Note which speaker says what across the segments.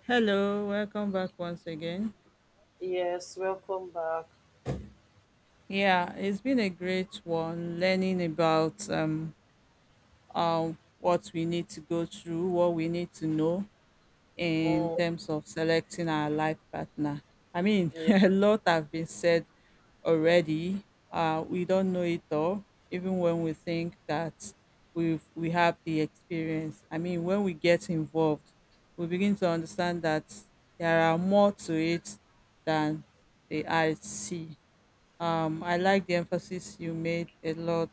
Speaker 1: Hello, welcome back once again.
Speaker 2: Yes, welcome back.
Speaker 1: Yeah, it's been a great one learning about what we need to go through, what we need to know, in
Speaker 2: Mm,
Speaker 1: terms of selecting our life partner. I mean,
Speaker 2: yeah.
Speaker 1: a lot have been said already. We don't know it all, even when we think that we have the experience. I mean, when we get involved, we begin to understand that there are more to it than the eye see. I like the emphasis you made a lot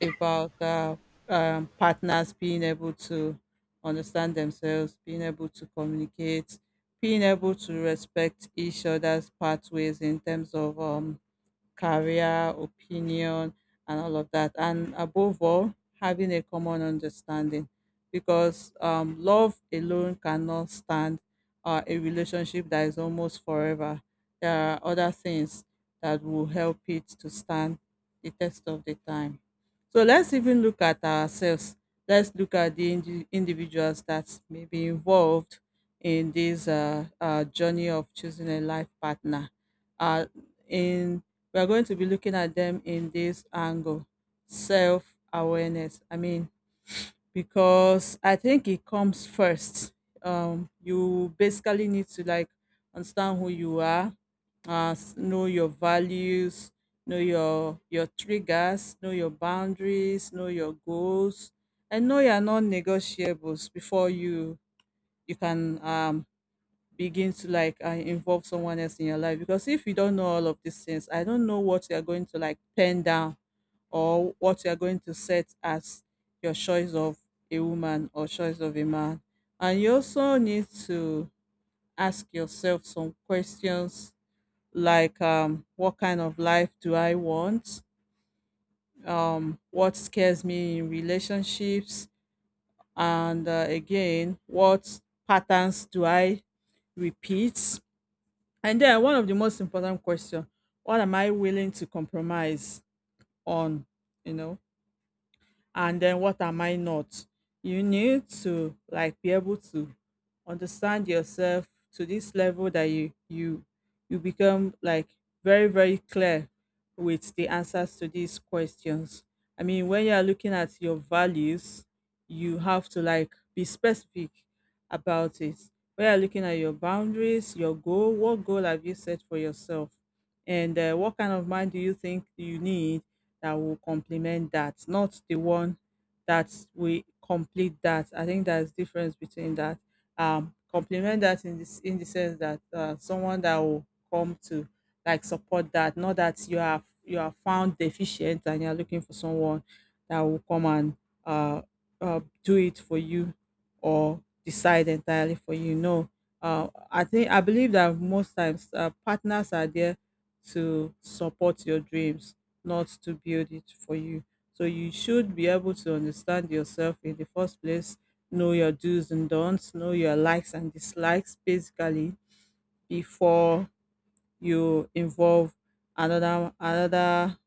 Speaker 1: about partners being able to understand themselves, being able to communicate, being able to respect each other's pathways in terms of career, opinion, and all of that. And above all, having a common understanding because love alone cannot stand a relationship that is almost forever. There are other things that will help it to stand the test of the time. So let's even look at ourselves. Let's look at the individuals that may be involved in this journey of choosing a life partner. Uh, in we are going to be looking at them in this angle, self awareness. I mean, because I think it comes first. You basically need to, like, understand who you are. Know your values, know your triggers, know your boundaries, know your goals, and know your non-negotiables before you can begin to, like, involve someone else in your life, because if you don't know all of these things, I don't know what you're going to, like, pen down or what you're going to set as your choice of a woman or choice of a man. And you also need to ask yourself some questions, like, what kind of life do I want, what scares me in relationships, and again, what patterns do I repeat, and then one of the most important question, what am I willing to compromise on? You know, and then what am I not? You need to, like, be able to understand yourself to this level that you become, like, very, very clear with the answers to these questions. I mean, when you are looking at your values, you have to, like, be specific about it. When you're looking at your boundaries, your goal, what goal have you set for yourself? And what kind of mind do you think you need that will complement that, not the one that we complete that. I think there's difference between that. Complement that in this in the sense that someone that will come to, like, support that, not that you are found deficient and you're looking for someone that will come and uh, do it for you or decide entirely for you. No, I believe that most times partners are there to support your dreams, not to build it for you. So you should be able to understand yourself in the first place, know your do's and don'ts, know your likes and dislikes basically before you involve another another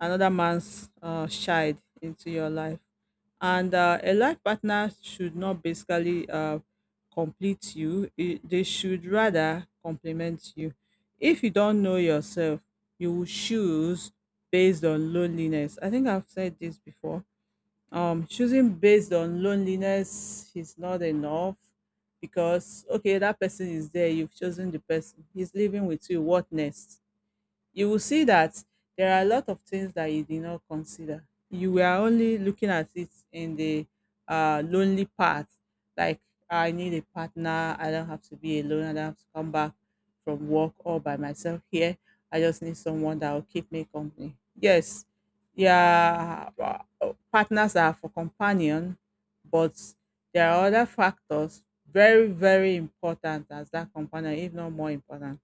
Speaker 1: another man's child into your life. And a life partner should not basically complete you, they should rather complement you. If you don't know yourself, you will choose based on loneliness. I think I've said this before. Choosing based on loneliness is not enough because, okay, that person is there, you've chosen the person, he's living with you. What next? You will see that there are a lot of things that you did not consider. You were only looking at it in the lonely part, like, I need a partner. I don't have to be alone. I don't have to come back from work all by myself here. I just need someone that will keep me company. Yes, yeah, partners are for companion, but there are other factors very, very important as that companion, if not more important,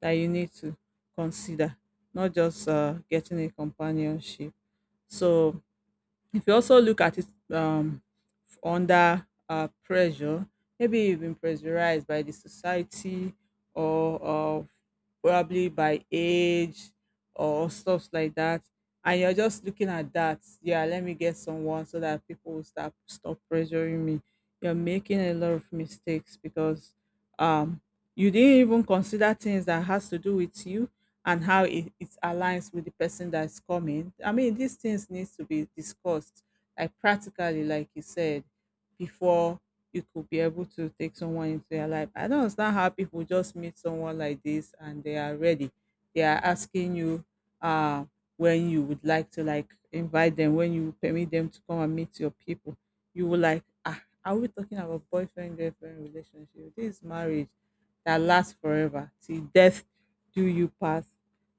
Speaker 1: that you need to consider, not just getting a companionship. So if you also look at it, um, under pressure, maybe you've been pressurized by the society, or probably by age or stuff like that. And you're just looking at that. Yeah, let me get someone so that people will stop pressuring me. You're making a lot of mistakes because um you didn't even consider things that has to do with you and how it aligns with the person that's coming. I mean, these things needs to be discussed, like, practically, like you said, before you could be able to take someone into your life. I don't understand how people just meet someone like this and they are ready. They are asking you uh, when you would like to, like, invite them, when you permit them to come and meet your people. You will like, ah, are we talking about boyfriend girlfriend relationship? This is marriage that lasts forever till death do you part.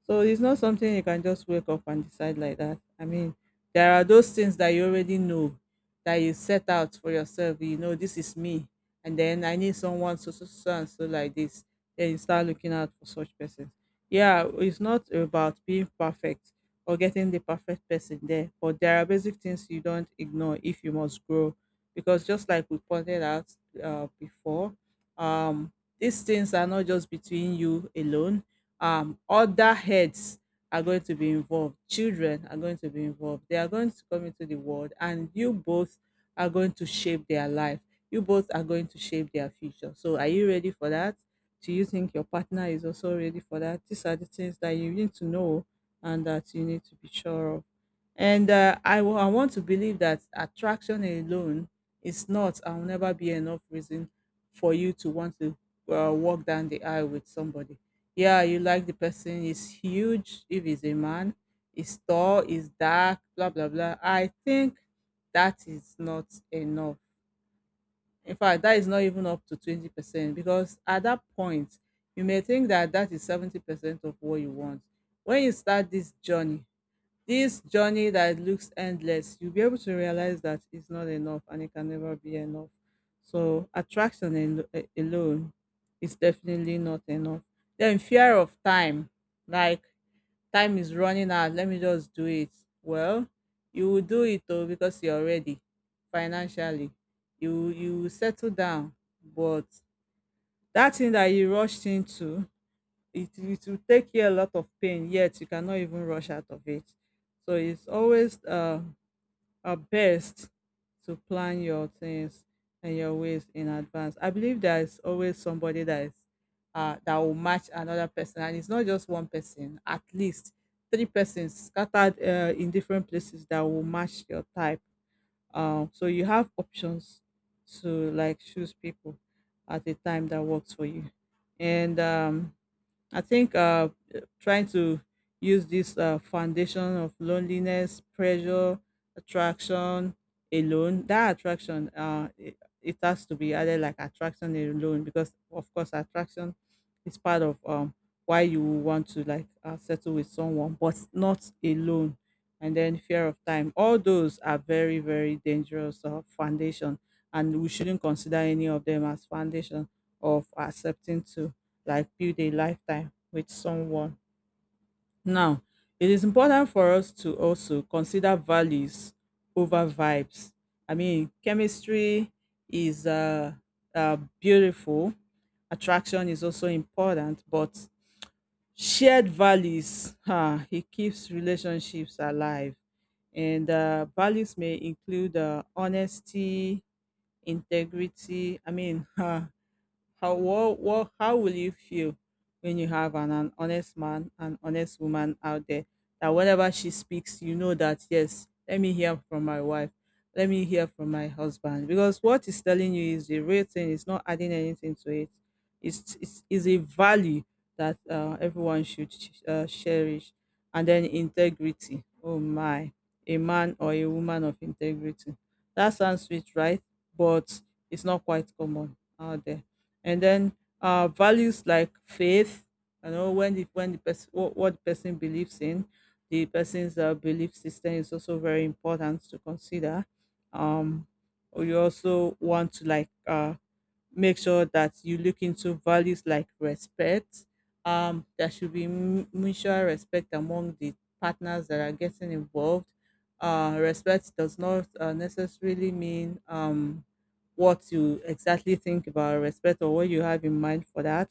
Speaker 1: So it's not something you can just wake up and decide like that. I mean, there are those things that you already know that you set out for yourself. You know, this is me, and then I need someone so so so and so like this. Then you start looking out for such persons. Yeah, it's not about being perfect or getting the perfect person there, but there are basic things you don't ignore if you must grow, because just like we pointed out before, um, these things are not just between you alone. Other heads are going to be involved. Children are going to be involved. They are going to come into the world, and you both are going to shape their life. You both are going to shape their future. So, are you ready for that? Do you think your partner is also ready for that? These are the things that you need to know and that you need to be sure of. And I want to believe that attraction alone is not and will never be enough reason for you to want to walk down the aisle with somebody. Yeah, you like the person is huge, if he's a man, is tall, is dark, blah blah blah. I think that is not enough. In fact, that is not even up to 20%, because at that point you may think that that is 70% of what you want. When you start this journey, this journey that looks endless, you'll be able to realize that it's not enough and it can never be enough. So, attraction alone is definitely not enough. Then, fear of time, like, time is running out, let me just do it. Well, you will do it, though, because you're ready financially. You will settle down, but that thing that you rushed into, it will take you a lot of pain, yet you cannot even rush out of it. So it's always our best to plan your things and your ways in advance. I believe there is always somebody that is that will match another person, and it's not just one person. At least three persons scattered in different places that will match your type. So you have options to, like, choose people at a time that works for you. And I think trying to use this foundation of loneliness, pressure, attraction alone, that attraction, it has to be added like attraction alone, because, of course, attraction is part of why you want to, like, settle with someone, but not alone. And then fear of time. All those are very, very dangerous foundation, and we shouldn't consider any of them as foundation of accepting to, like, build a lifetime with someone. Now, it is important for us to also consider values over vibes. I mean, chemistry is beautiful, attraction is also important, but shared values e keeps relationships alive. And values may include honesty, integrity. I mean, how what, how will you feel when you have an honest man, an honest woman out there, that whenever she speaks, you know that, yes, let me hear from my wife, let me hear from my husband. Because what is telling you is the real thing, it's not adding anything to it. It's a value that everyone should cherish. And then integrity. Oh my, a man or a woman of integrity. That sounds sweet, right? But it's not quite common out there, and then values like faith. You know, when the person what the person believes in, the person's belief system is also very important to consider. um you also want to make sure that you look into values like respect. There should be mutual respect among the partners that are getting involved. Respect does not necessarily mean what you exactly think about respect, or what you have in mind for that.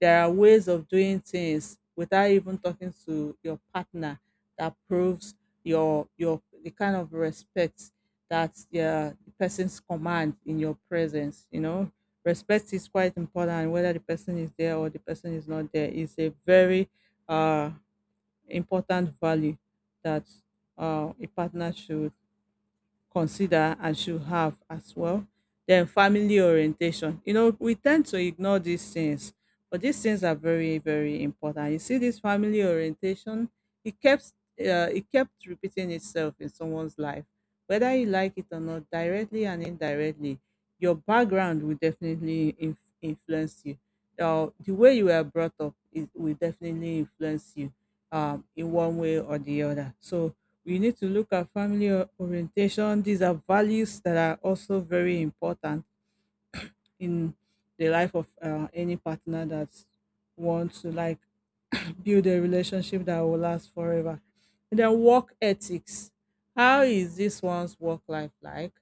Speaker 1: There are ways of doing things without even talking to your partner that proves your the kind of respect that, yeah, the person's command in your presence. You know, respect is quite important whether the person is there or the person is not there. It's a very uh, important value that a partner should consider and should have as well. Then family orientation. You know, we tend to ignore these things, but these things are very, very important. You see, this family orientation, it kept, it kept repeating itself in someone's life, whether you like it or not, directly and indirectly. Your background will definitely influence you. The way you were brought up is, will definitely influence you in one way or the other. So we need to look at family orientation. These are values that are also very important in the life of any partner that wants to like build a relationship that will last forever. And then work ethics. How is this one's work life like?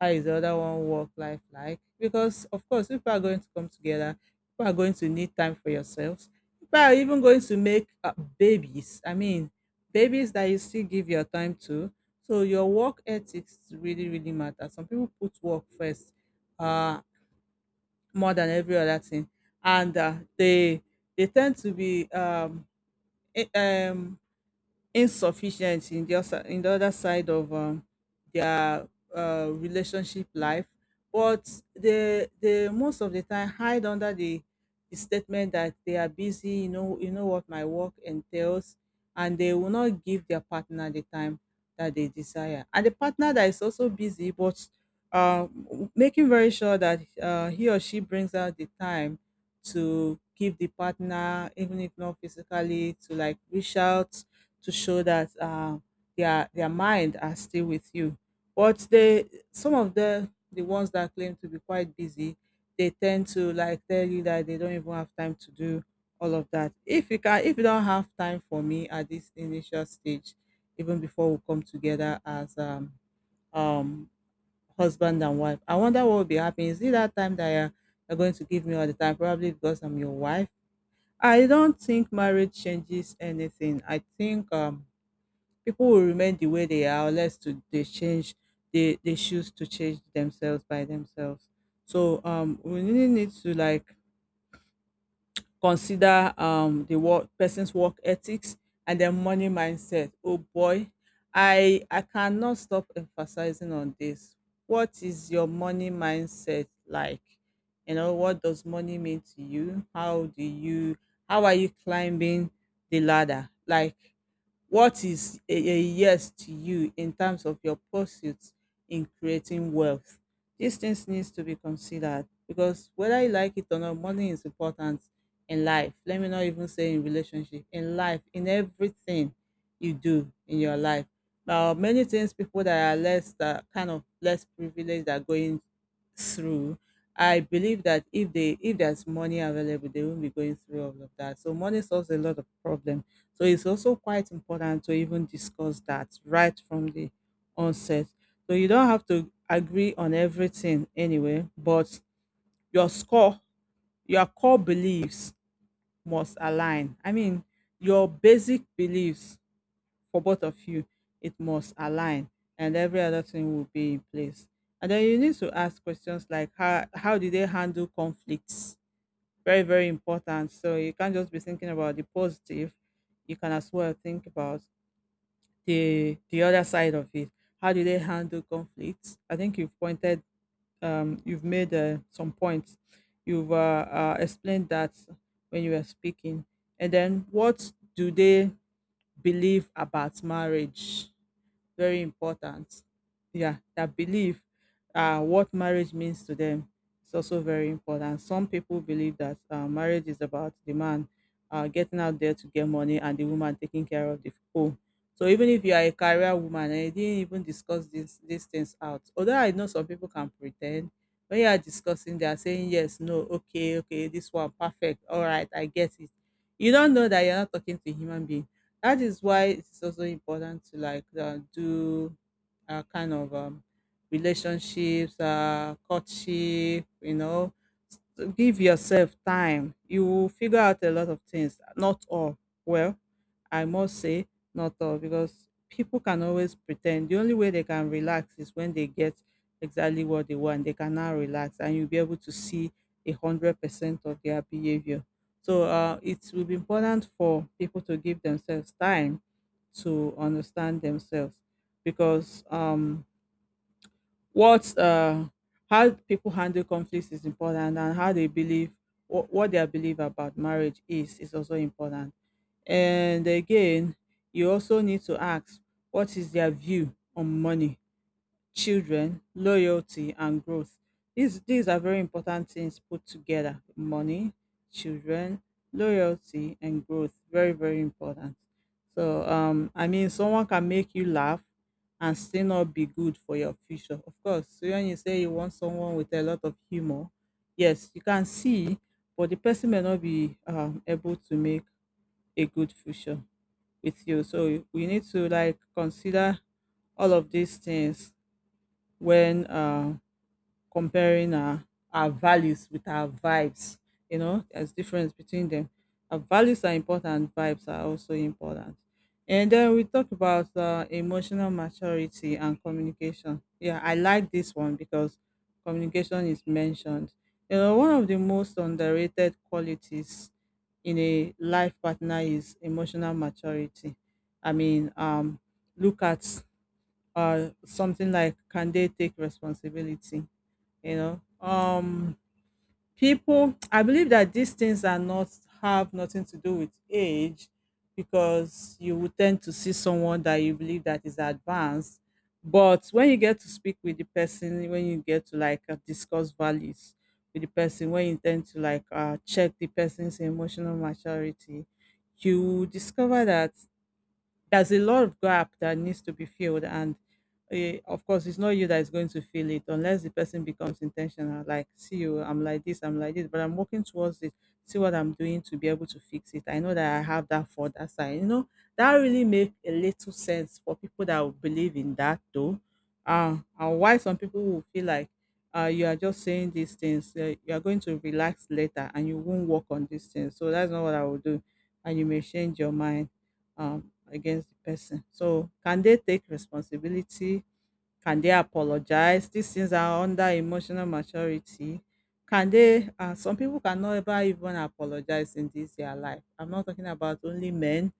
Speaker 1: How is the other one work life like? Because of course, people are going to come together. People are going to need time for yourselves. People are even going to make babies. I mean, babies that you still give your time to. So your work ethics really, really matter. Some people put work first, uh, more than every other thing, and they tend to be it, um insufficient in the other side of their relationship life, but they most of the time hide under the statement that they are busy. You know, you know what my work entails, and they will not give their partner the time that they desire. And the partner that is also busy, but uh, making very sure that he or she brings out the time to give the partner, even if not physically, to like reach out to show that, their mind are still with you. But they, some of the ones that claim to be quite busy, they tend to like tell you that they don't even have time to do all of that. If you can, if you don't have time for me at this initial stage, even before we come together as um husband and wife, I wonder what will be happening. Is it that time that you're going to give me all the time? Probably because I'm your wife. I don't think marriage changes anything. I think people will remain the way they are unless to, they change, they choose to change themselves by themselves. So we really need to like consider the work, person's work ethics and their money mindset. Oh boy, I cannot stop emphasizing on this. What is your money mindset like? You know, what does money mean to you? How do you, how are you climbing the ladder? Like, what is a yes to you in terms of your pursuits in creating wealth? These things needs to be considered, because whether you like it or not, money is important in life. Let me not even say in relationship, in life, in everything you do in your life. Now, many things people that are less, that kind of less privileged are going through. I believe that if they, if there's money available, they won't be going through all of that. So money solves a lot of problem, so it's also quite important to even discuss that right from the onset. So you don't have to agree on everything anyway, but your score, your core beliefs must align. I mean, your basic beliefs for both of you, it must align, and every other thing will be in place. And then you need to ask questions like, how do they handle conflicts? Very, very important. So you can't just be thinking about the positive. You can as well think about the other side of it. How do they handle conflicts? I think you've pointed, you've made some points, you've explained that when you were speaking. And then, what do they believe about marriage? Very important. Yeah, that believe, what marriage means to them is also very important. Some people believe that marriage is about the man getting out there to get money, and the woman taking care of the home. So even if you are a career woman and you didn't even discuss these things out, although I know some people can pretend, when you are discussing, they are saying yes, no, okay, okay, this one perfect, all right, I get it. You don't know that you're not talking to a human being. That is why it's also important to do kind of relationships, courtship, you know, give yourself time. You will figure out a lot of things, not all. Well, I must say, not all, because people can always pretend. The only way they can relax is when they get exactly what they want. They can now relax, and you'll be able to see 100% of their behavior. So it will be important for people to give themselves time to understand themselves, because what how people handle conflicts is important, and how they believe, what their belief about marriage is also important. And again, you also need to ask, what is their view on money, children, loyalty, and growth? These are very important things put together. Money, children, loyalty, and growth. Very, very important. So I mean, someone can make you laugh and still not be good for your future. Of course, so when you say you want someone with a lot of humor, yes, you can see, but the person may not be able to make a good future with you. So we need to like consider all of these things when comparing our values with our vibes. You know, there's difference between them. Our values are important, vibes are also important. And then we talk about emotional maturity and communication. Yeah, I like this one because communication is mentioned. You know, one of the most underrated qualities in a life partner is emotional maturity. I mean, look at something like, can they take responsibility? You know, people, I believe that these things are not, have nothing to do with age, because you would tend to see someone that you believe that is advanced, but when you get to speak with the person, when you get to discuss values with the person, when you tend to check the person's emotional maturity, you discover that there's a lot of gap that needs to be filled. And of course it's not you that is going to fill it, unless the person becomes intentional, like, see, you, I'm like this, I'm like this, but I'm working towards it. See what I'm doing to be able to fix it. I know that I have that for that side, you know. That really make a little sense for people that will believe in that, though. And why some people will feel like, you are just saying these things, you are going to relax later, and you won't work on these things. So that's not what I will do, and you may change your mind. Um Against the person. So can they take responsibility? Can they apologize? These things are under emotional maturity. Can they? Some people cannot ever even apologize in this their life. I'm not talking about only men,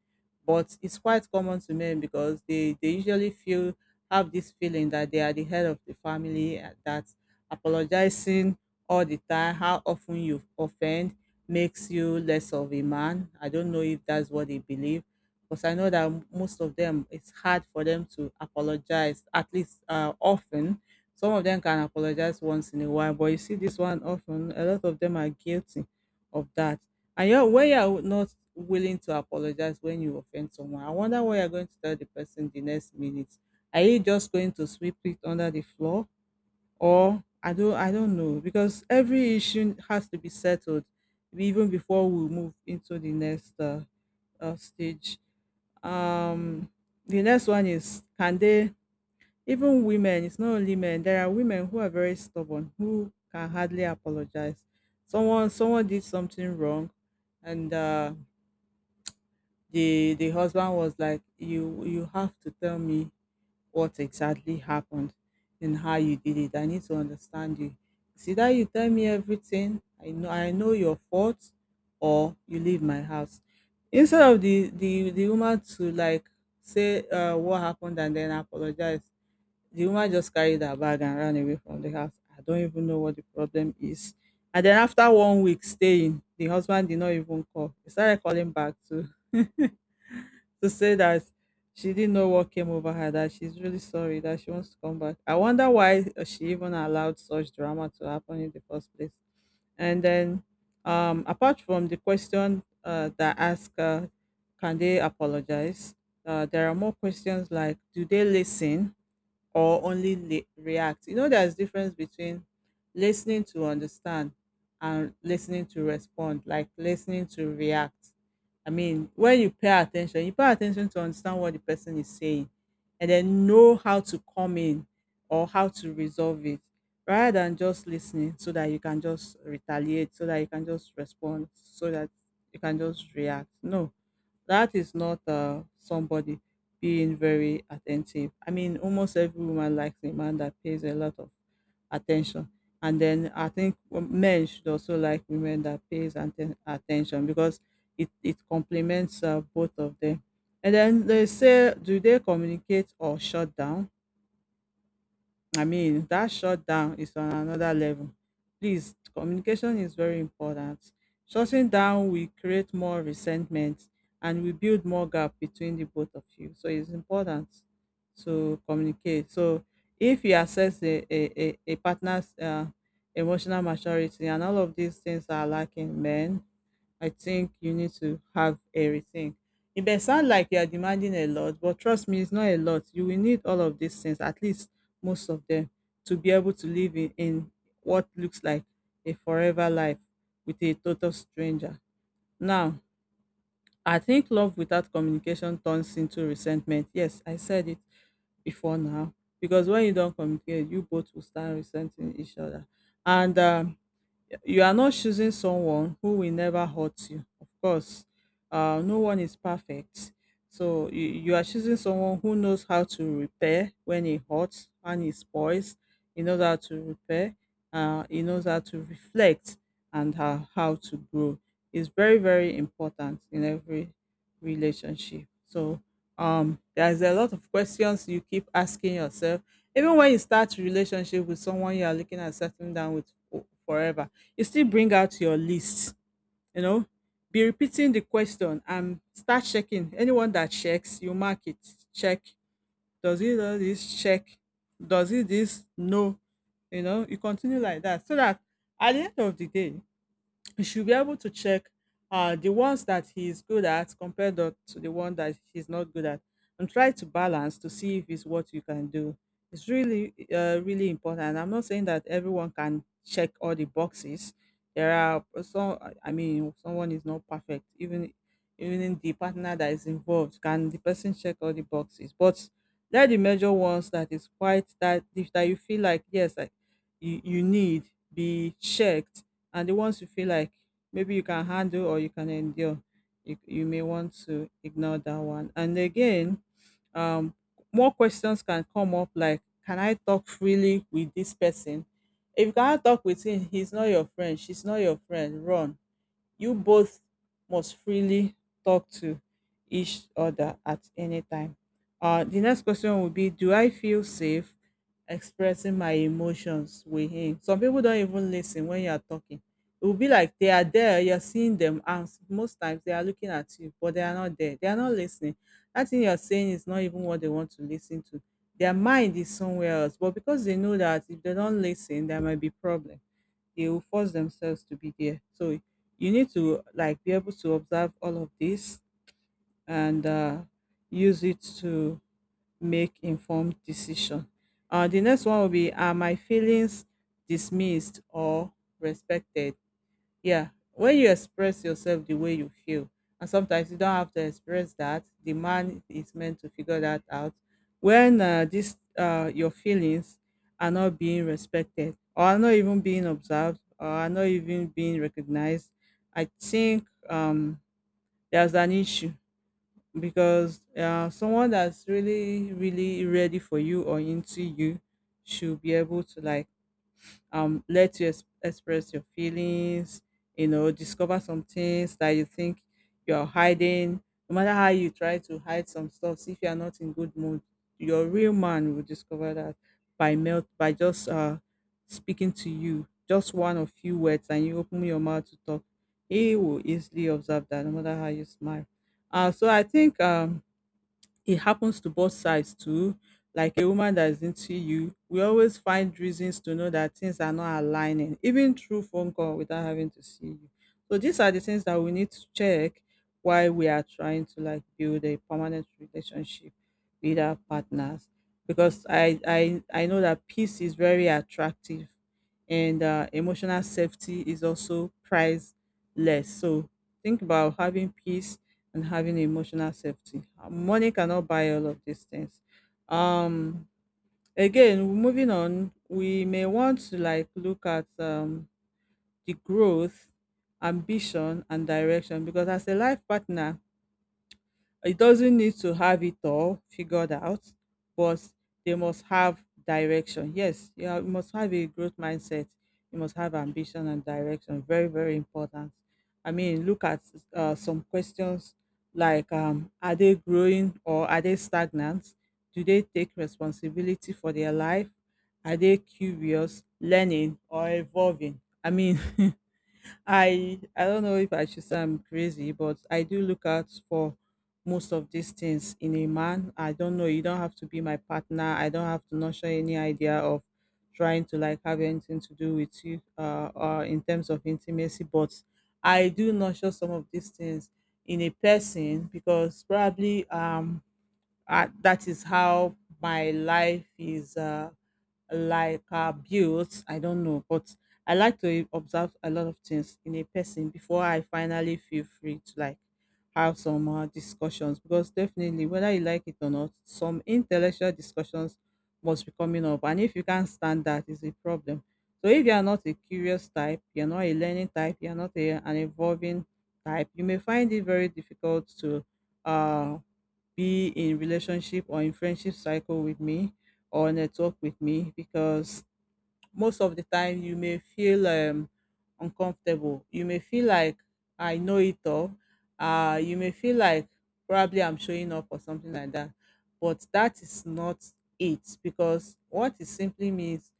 Speaker 1: but it's quite common to men, because they usually feel, have this feeling that they are the head of the family, that apologizing all the time, how often you offend, makes you less of a man. I don't know if that's what they believe, because I know that most of them, it's hard for them to apologize, at least, often. Some of them can apologize once in a while, but you see this one often, a lot of them are guilty of that. And when you're not willing to apologize when you offend someone, I wonder what you're going to tell the person the next minute. Are you just going to sweep it under the floor? Or, I don't know. Because every issue has to be settled even before we move into the next stage. Um, the next one is, can they, even women? It's not only men. There are women who are very stubborn who can hardly apologize. Someone did something wrong, and the husband was like, you have to tell me what exactly happened and how you did it. I need to understand. You see that you tell me everything. I know your faults, or you leave my house. Instead of the woman to like say what happened and then apologize, the woman just carried her bag and ran away from the house. I don't even know what the problem is. And then after one week staying, the husband did not even call. He started calling back too to say that she didn't know what came over her, that she's really sorry, that she wants to come back. I wonder why she even allowed such drama to happen in the first place. And then, apart from the question that ask, can they apologize? There are more questions like, do they listen or only react? You know, there's difference between listening to understand and listening to respond, like listening to react. I mean, when you pay attention to understand what the person is saying and then know how to come in or how to resolve it, rather than just listening so that you can just retaliate, so that you can just respond, so that you can just react. No, that is not somebody being very attentive. I mean, almost every woman likes a man that pays a lot of attention. And then I think men should also like women that pays attention, because it complements both of them. And then they say, do they communicate or shut down? I mean, that shutdown is on another level. Please, communication is very important. Shutting down will create more resentment and we build more gap between the both of you. So it's important to communicate. So if you assess a partner's emotional maturity and all of these things are lacking, man, I think you need to have everything. It may sound like you are demanding a lot, but trust me, it's not a lot. You will need all of these things, at least most of them, to be able to live in what looks like a forever life with a total stranger. Now, I think love without communication turns into resentment. Yes, I said it before now. Because when you don't communicate, you both will start resenting each other. And you are not choosing someone who will never hurt you. Of course, no one is perfect. So you are choosing someone who knows how to repair when it hurts and it spoils. He knows how to repair. He knows how to reflect and how to grow. It's very, very important in every relationship. So there's a lot of questions you keep asking yourself, even when you start a relationship with someone you are looking at settling down with forever. You still bring out your list, you know, be repeating the question and start checking. Anyone that checks, you mark it. Check. Does he do this? Check. Does he this? No. You know, you continue like that so that at the end of the day, you should be able to check the ones that he is good at compared to the one that he's not good at, and try to balance to see if it's what you can do. It's really really important. I'm not saying that everyone can check all the boxes. There are some. I mean, someone is not perfect. Even in the partner that is involved, can the person check all the boxes? But there are the major ones that is quite, that if that you feel like yes, you need be checked, and the ones you feel like maybe you can handle or you can endure, you may want to ignore that one. And again, um more questions can come up like, can I talk freely with this person? If you cannot talk with him, he's not your friend. She's not your friend. Run. You both must freely talk to each other at any time. The next question would be, do I feel safe expressing my emotions with him? Some people don't even listen when you are talking. It will be like they are there, you're seeing them, and most times they are looking at you, but they are not there. They are not listening. That thing you're saying is not even what they want to listen to. Their mind is somewhere else, but because they know that if they don't listen, there might be problem, they will force themselves to be there. So you need to like be able to observe all of this and use it to make informed decision. The next one will be, are my feelings dismissed or respected? Yeah. When you express yourself the way you feel, and sometimes you don't have to express that, the man is meant to figure that out. When this your feelings are not being respected, or are not even being observed, or are not even being recognized, I think there's an issue, because someone that's really, really ready for you or into you should be able to like let you express your feelings, you know, discover some things that you think you're hiding. No matter how you try to hide some stuff, if you're not in good mood, your real man will discover that by just speaking to you, just one or few words, and you open your mouth to talk. He will easily observe that no matter how you smile. So I think it happens to both sides too. Like a woman that is into you, we always find reasons to know that things are not aligning, even through phone call without having to see you. So these are the things that we need to check while we are trying to like build a permanent relationship with our partners. Because I know that peace is very attractive and emotional safety is also priceless. So think about having peace and having emotional safety. Money cannot buy all of these things. Um, Again, moving on, we may want to like look at the growth, ambition, and direction, because as a life partner, it doesn't need to have it all figured out, but they must have direction. Yes, you must have a growth mindset. You must have ambition and direction. Very, very important. I mean, look at some questions like, are they growing or are they stagnant? Do they take responsibility for their life? Are they curious, learning, or evolving? I mean, I don't know if I should say I'm crazy, but I do look out for most of these things in a man. I don't know. You don't have to be my partner. I don't have to nurture any idea of trying to like have anything to do with you, or in terms of intimacy. But I do nurture some of these things in a person, because probably that is how my life is like built. I don't know, but I like to observe a lot of things in a person before I finally feel free to like have some discussions. Because definitely, whether you like it or not, some intellectual discussions must be coming up, and if you can't stand that, is a problem. So if you are not a curious type, you are not a learning type, you are not an evolving type, you may find it very difficult to. Uh, be in relationship or in friendship cycle with me or network with me, because most of the time you may feel uncomfortable. You may feel like I know it all. You may feel like probably I'm showing up or something like that. But that is not it, because what it simply means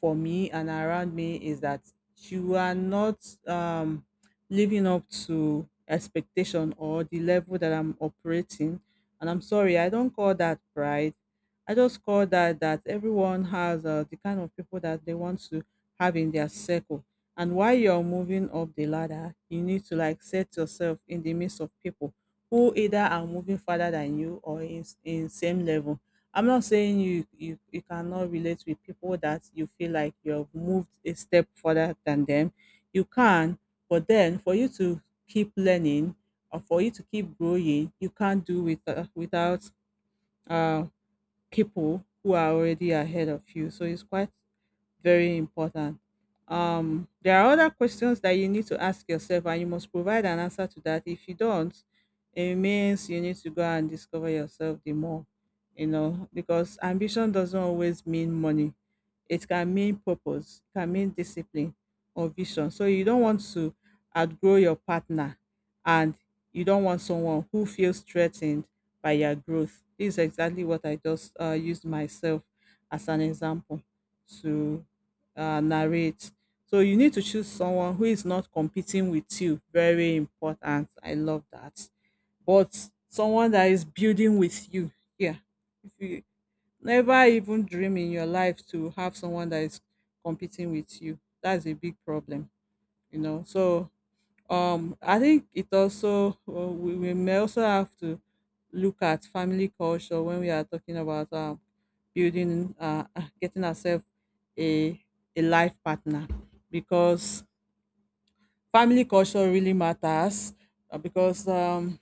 Speaker 1: for me and around me is that you are not living up to expectation or the level that I'm operating. And I'm sorry, I don't call that pride. I just call that that everyone has the kind of people that they want to have in their circle. And while you're moving up the ladder, you need to like set yourself in the midst of people who either are moving further than you or in same level. I'm not saying you cannot relate with people that you feel like you've moved a step further than them. You can, but then for you to keep learning or for you to keep growing, you can't do with without uh, people who are already ahead of you. So it's quite very important. There are other questions that you need to ask yourself, and you must provide an answer to that. If you don't, it means you need to go and discover yourself the more, you know, because ambition doesn't always mean money. It can mean purpose, it can mean discipline or vision. So you don't want to outgrow your partner, and you don't want someone who feels threatened by your growth. This is exactly what I just used myself as an example to narrate. So you need to choose someone who is not competing with you. Very important. I love that. But someone that is building with you. Yeah. If you never even dream in your life to have someone that is competing with you, that's a big problem. You know. So I think it also we may also have to look at family culture when we are talking about building getting ourselves a a life partner because family culture really matters because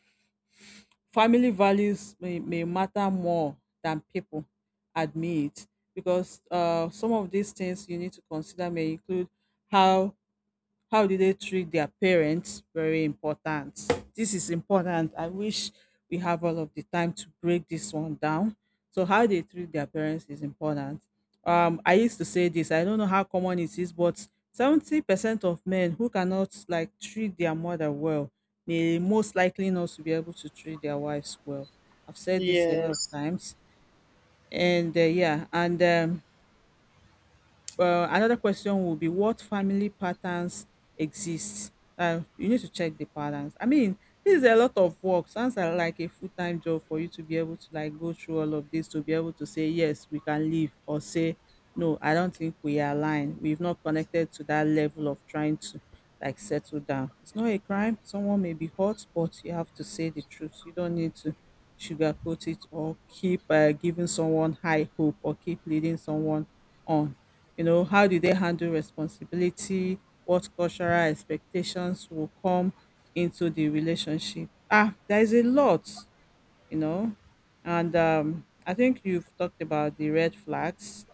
Speaker 1: family values may matter more than people admit because some of these things you need to consider may include how how do they treat their parents? Very important. This is important. I wish we have all of the time to break this one down. So, how they treat their parents is important. I used to say this, I don't know how common it is, but 70% of men who cannot like treat their mother well may most likely not to be able to treat their wives well. I've said this a lot of
Speaker 2: Yes.
Speaker 1: times. And yeah, and well, another question would be, what family patterns exist? You need to check the patterns. I mean, this is a lot of work. Sounds like a full time job for you to be able to like go through all of this to be able to say yes, we can leave, or say no, I don't think we are aligned. We've not connected to that level of trying to like settle down. It's not a crime. Someone may be hurt, but you have to say the truth. You don't need to sugarcoat it or keep giving someone high hope or keep leading someone on. You know, how do they handle responsibility, what cultural expectations will come into the relationship? Ah, there is a lot, you know. And I think you've talked about the red flags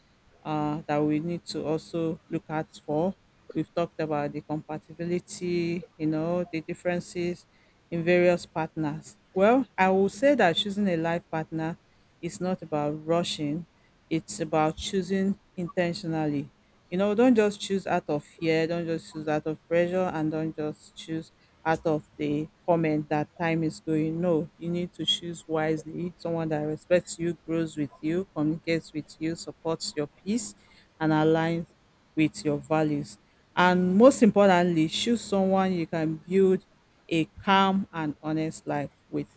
Speaker 1: that we need to also look at for. We've talked about the compatibility, you know, the differences in various partners. Well, I will say that choosing a life partner is not about rushing, it's about choosing intentionally. You know, don't just choose out of fear, don't just choose out of pressure, and don't just choose out of the comment that time is going. No, you need to choose wisely. Someone that respects you, grows with you, communicates with you, supports your peace, and aligns with your values. And most importantly, choose someone you can build a calm and honest life with.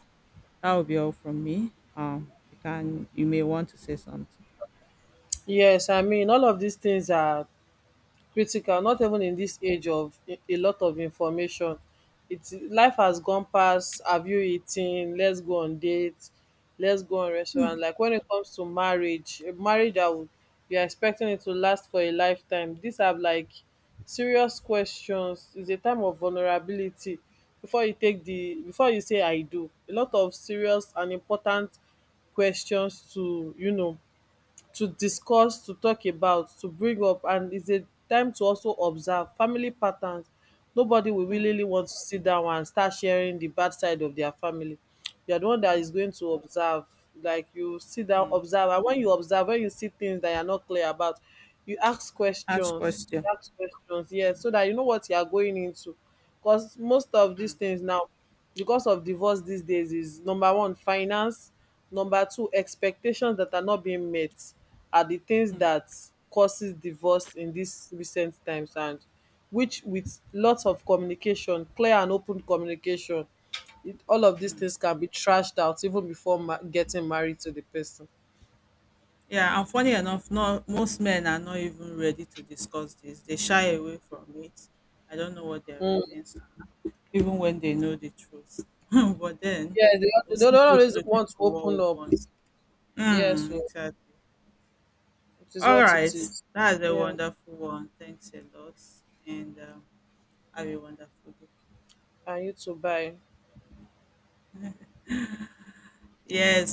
Speaker 1: That will be all from me. You can you may want to say something.
Speaker 2: Yes, I mean all of these things are critical not even in this age of a lot of information. It's life has gone past, have you eaten, let's go on dates, let's go on restaurant. Like when it comes to marriage, a marriage that would, you're expecting it to last for a lifetime, these are like serious questions. It's a time of vulnerability before you take the, before you say I do. A lot of serious and important questions to, you know, to discuss, to talk about, to bring up. And it's a time to also observe family patterns. Nobody will
Speaker 1: Hmm,
Speaker 2: willingly want to sit down and start sharing the bad side of their family. You are the one that is
Speaker 1: hmm,
Speaker 2: going to observe, like you sit down,
Speaker 1: hmm.
Speaker 2: observe, and when you observe, when you see things that you are not clear about, you ask
Speaker 1: You ask
Speaker 2: questions.
Speaker 1: question.
Speaker 2: You ask questions,
Speaker 1: Hmm.
Speaker 2: yes,
Speaker 1: Hmm.
Speaker 2: so that you know what you are going into. Because most of these things now, because of divorce these days, is number one, finance, number two, expectations that are not being met are the things that causes divorce in these recent times. And which with lots of communication, clear and open communication, it, all of these things can be trashed out even before getting married to the person.
Speaker 1: Yeah, and funny enough, not most men are not even ready to discuss this. They shy away from it. I don't know what their
Speaker 2: Mm,
Speaker 1: reasons are, even when they know the truth. But then
Speaker 2: yeah, they
Speaker 1: we'll
Speaker 2: don't
Speaker 1: still keep
Speaker 2: always
Speaker 1: looking
Speaker 2: want to
Speaker 1: for what we
Speaker 2: open up.
Speaker 1: want.
Speaker 2: Yeah,
Speaker 1: Mm,
Speaker 2: so
Speaker 1: exactly.
Speaker 2: it is
Speaker 1: All
Speaker 2: what it
Speaker 1: right.
Speaker 2: is.
Speaker 1: That's a
Speaker 2: Yeah,
Speaker 1: wonderful one. Thanks a lot. And have a wonderful day.
Speaker 2: and you too. Bye.
Speaker 1: Yes.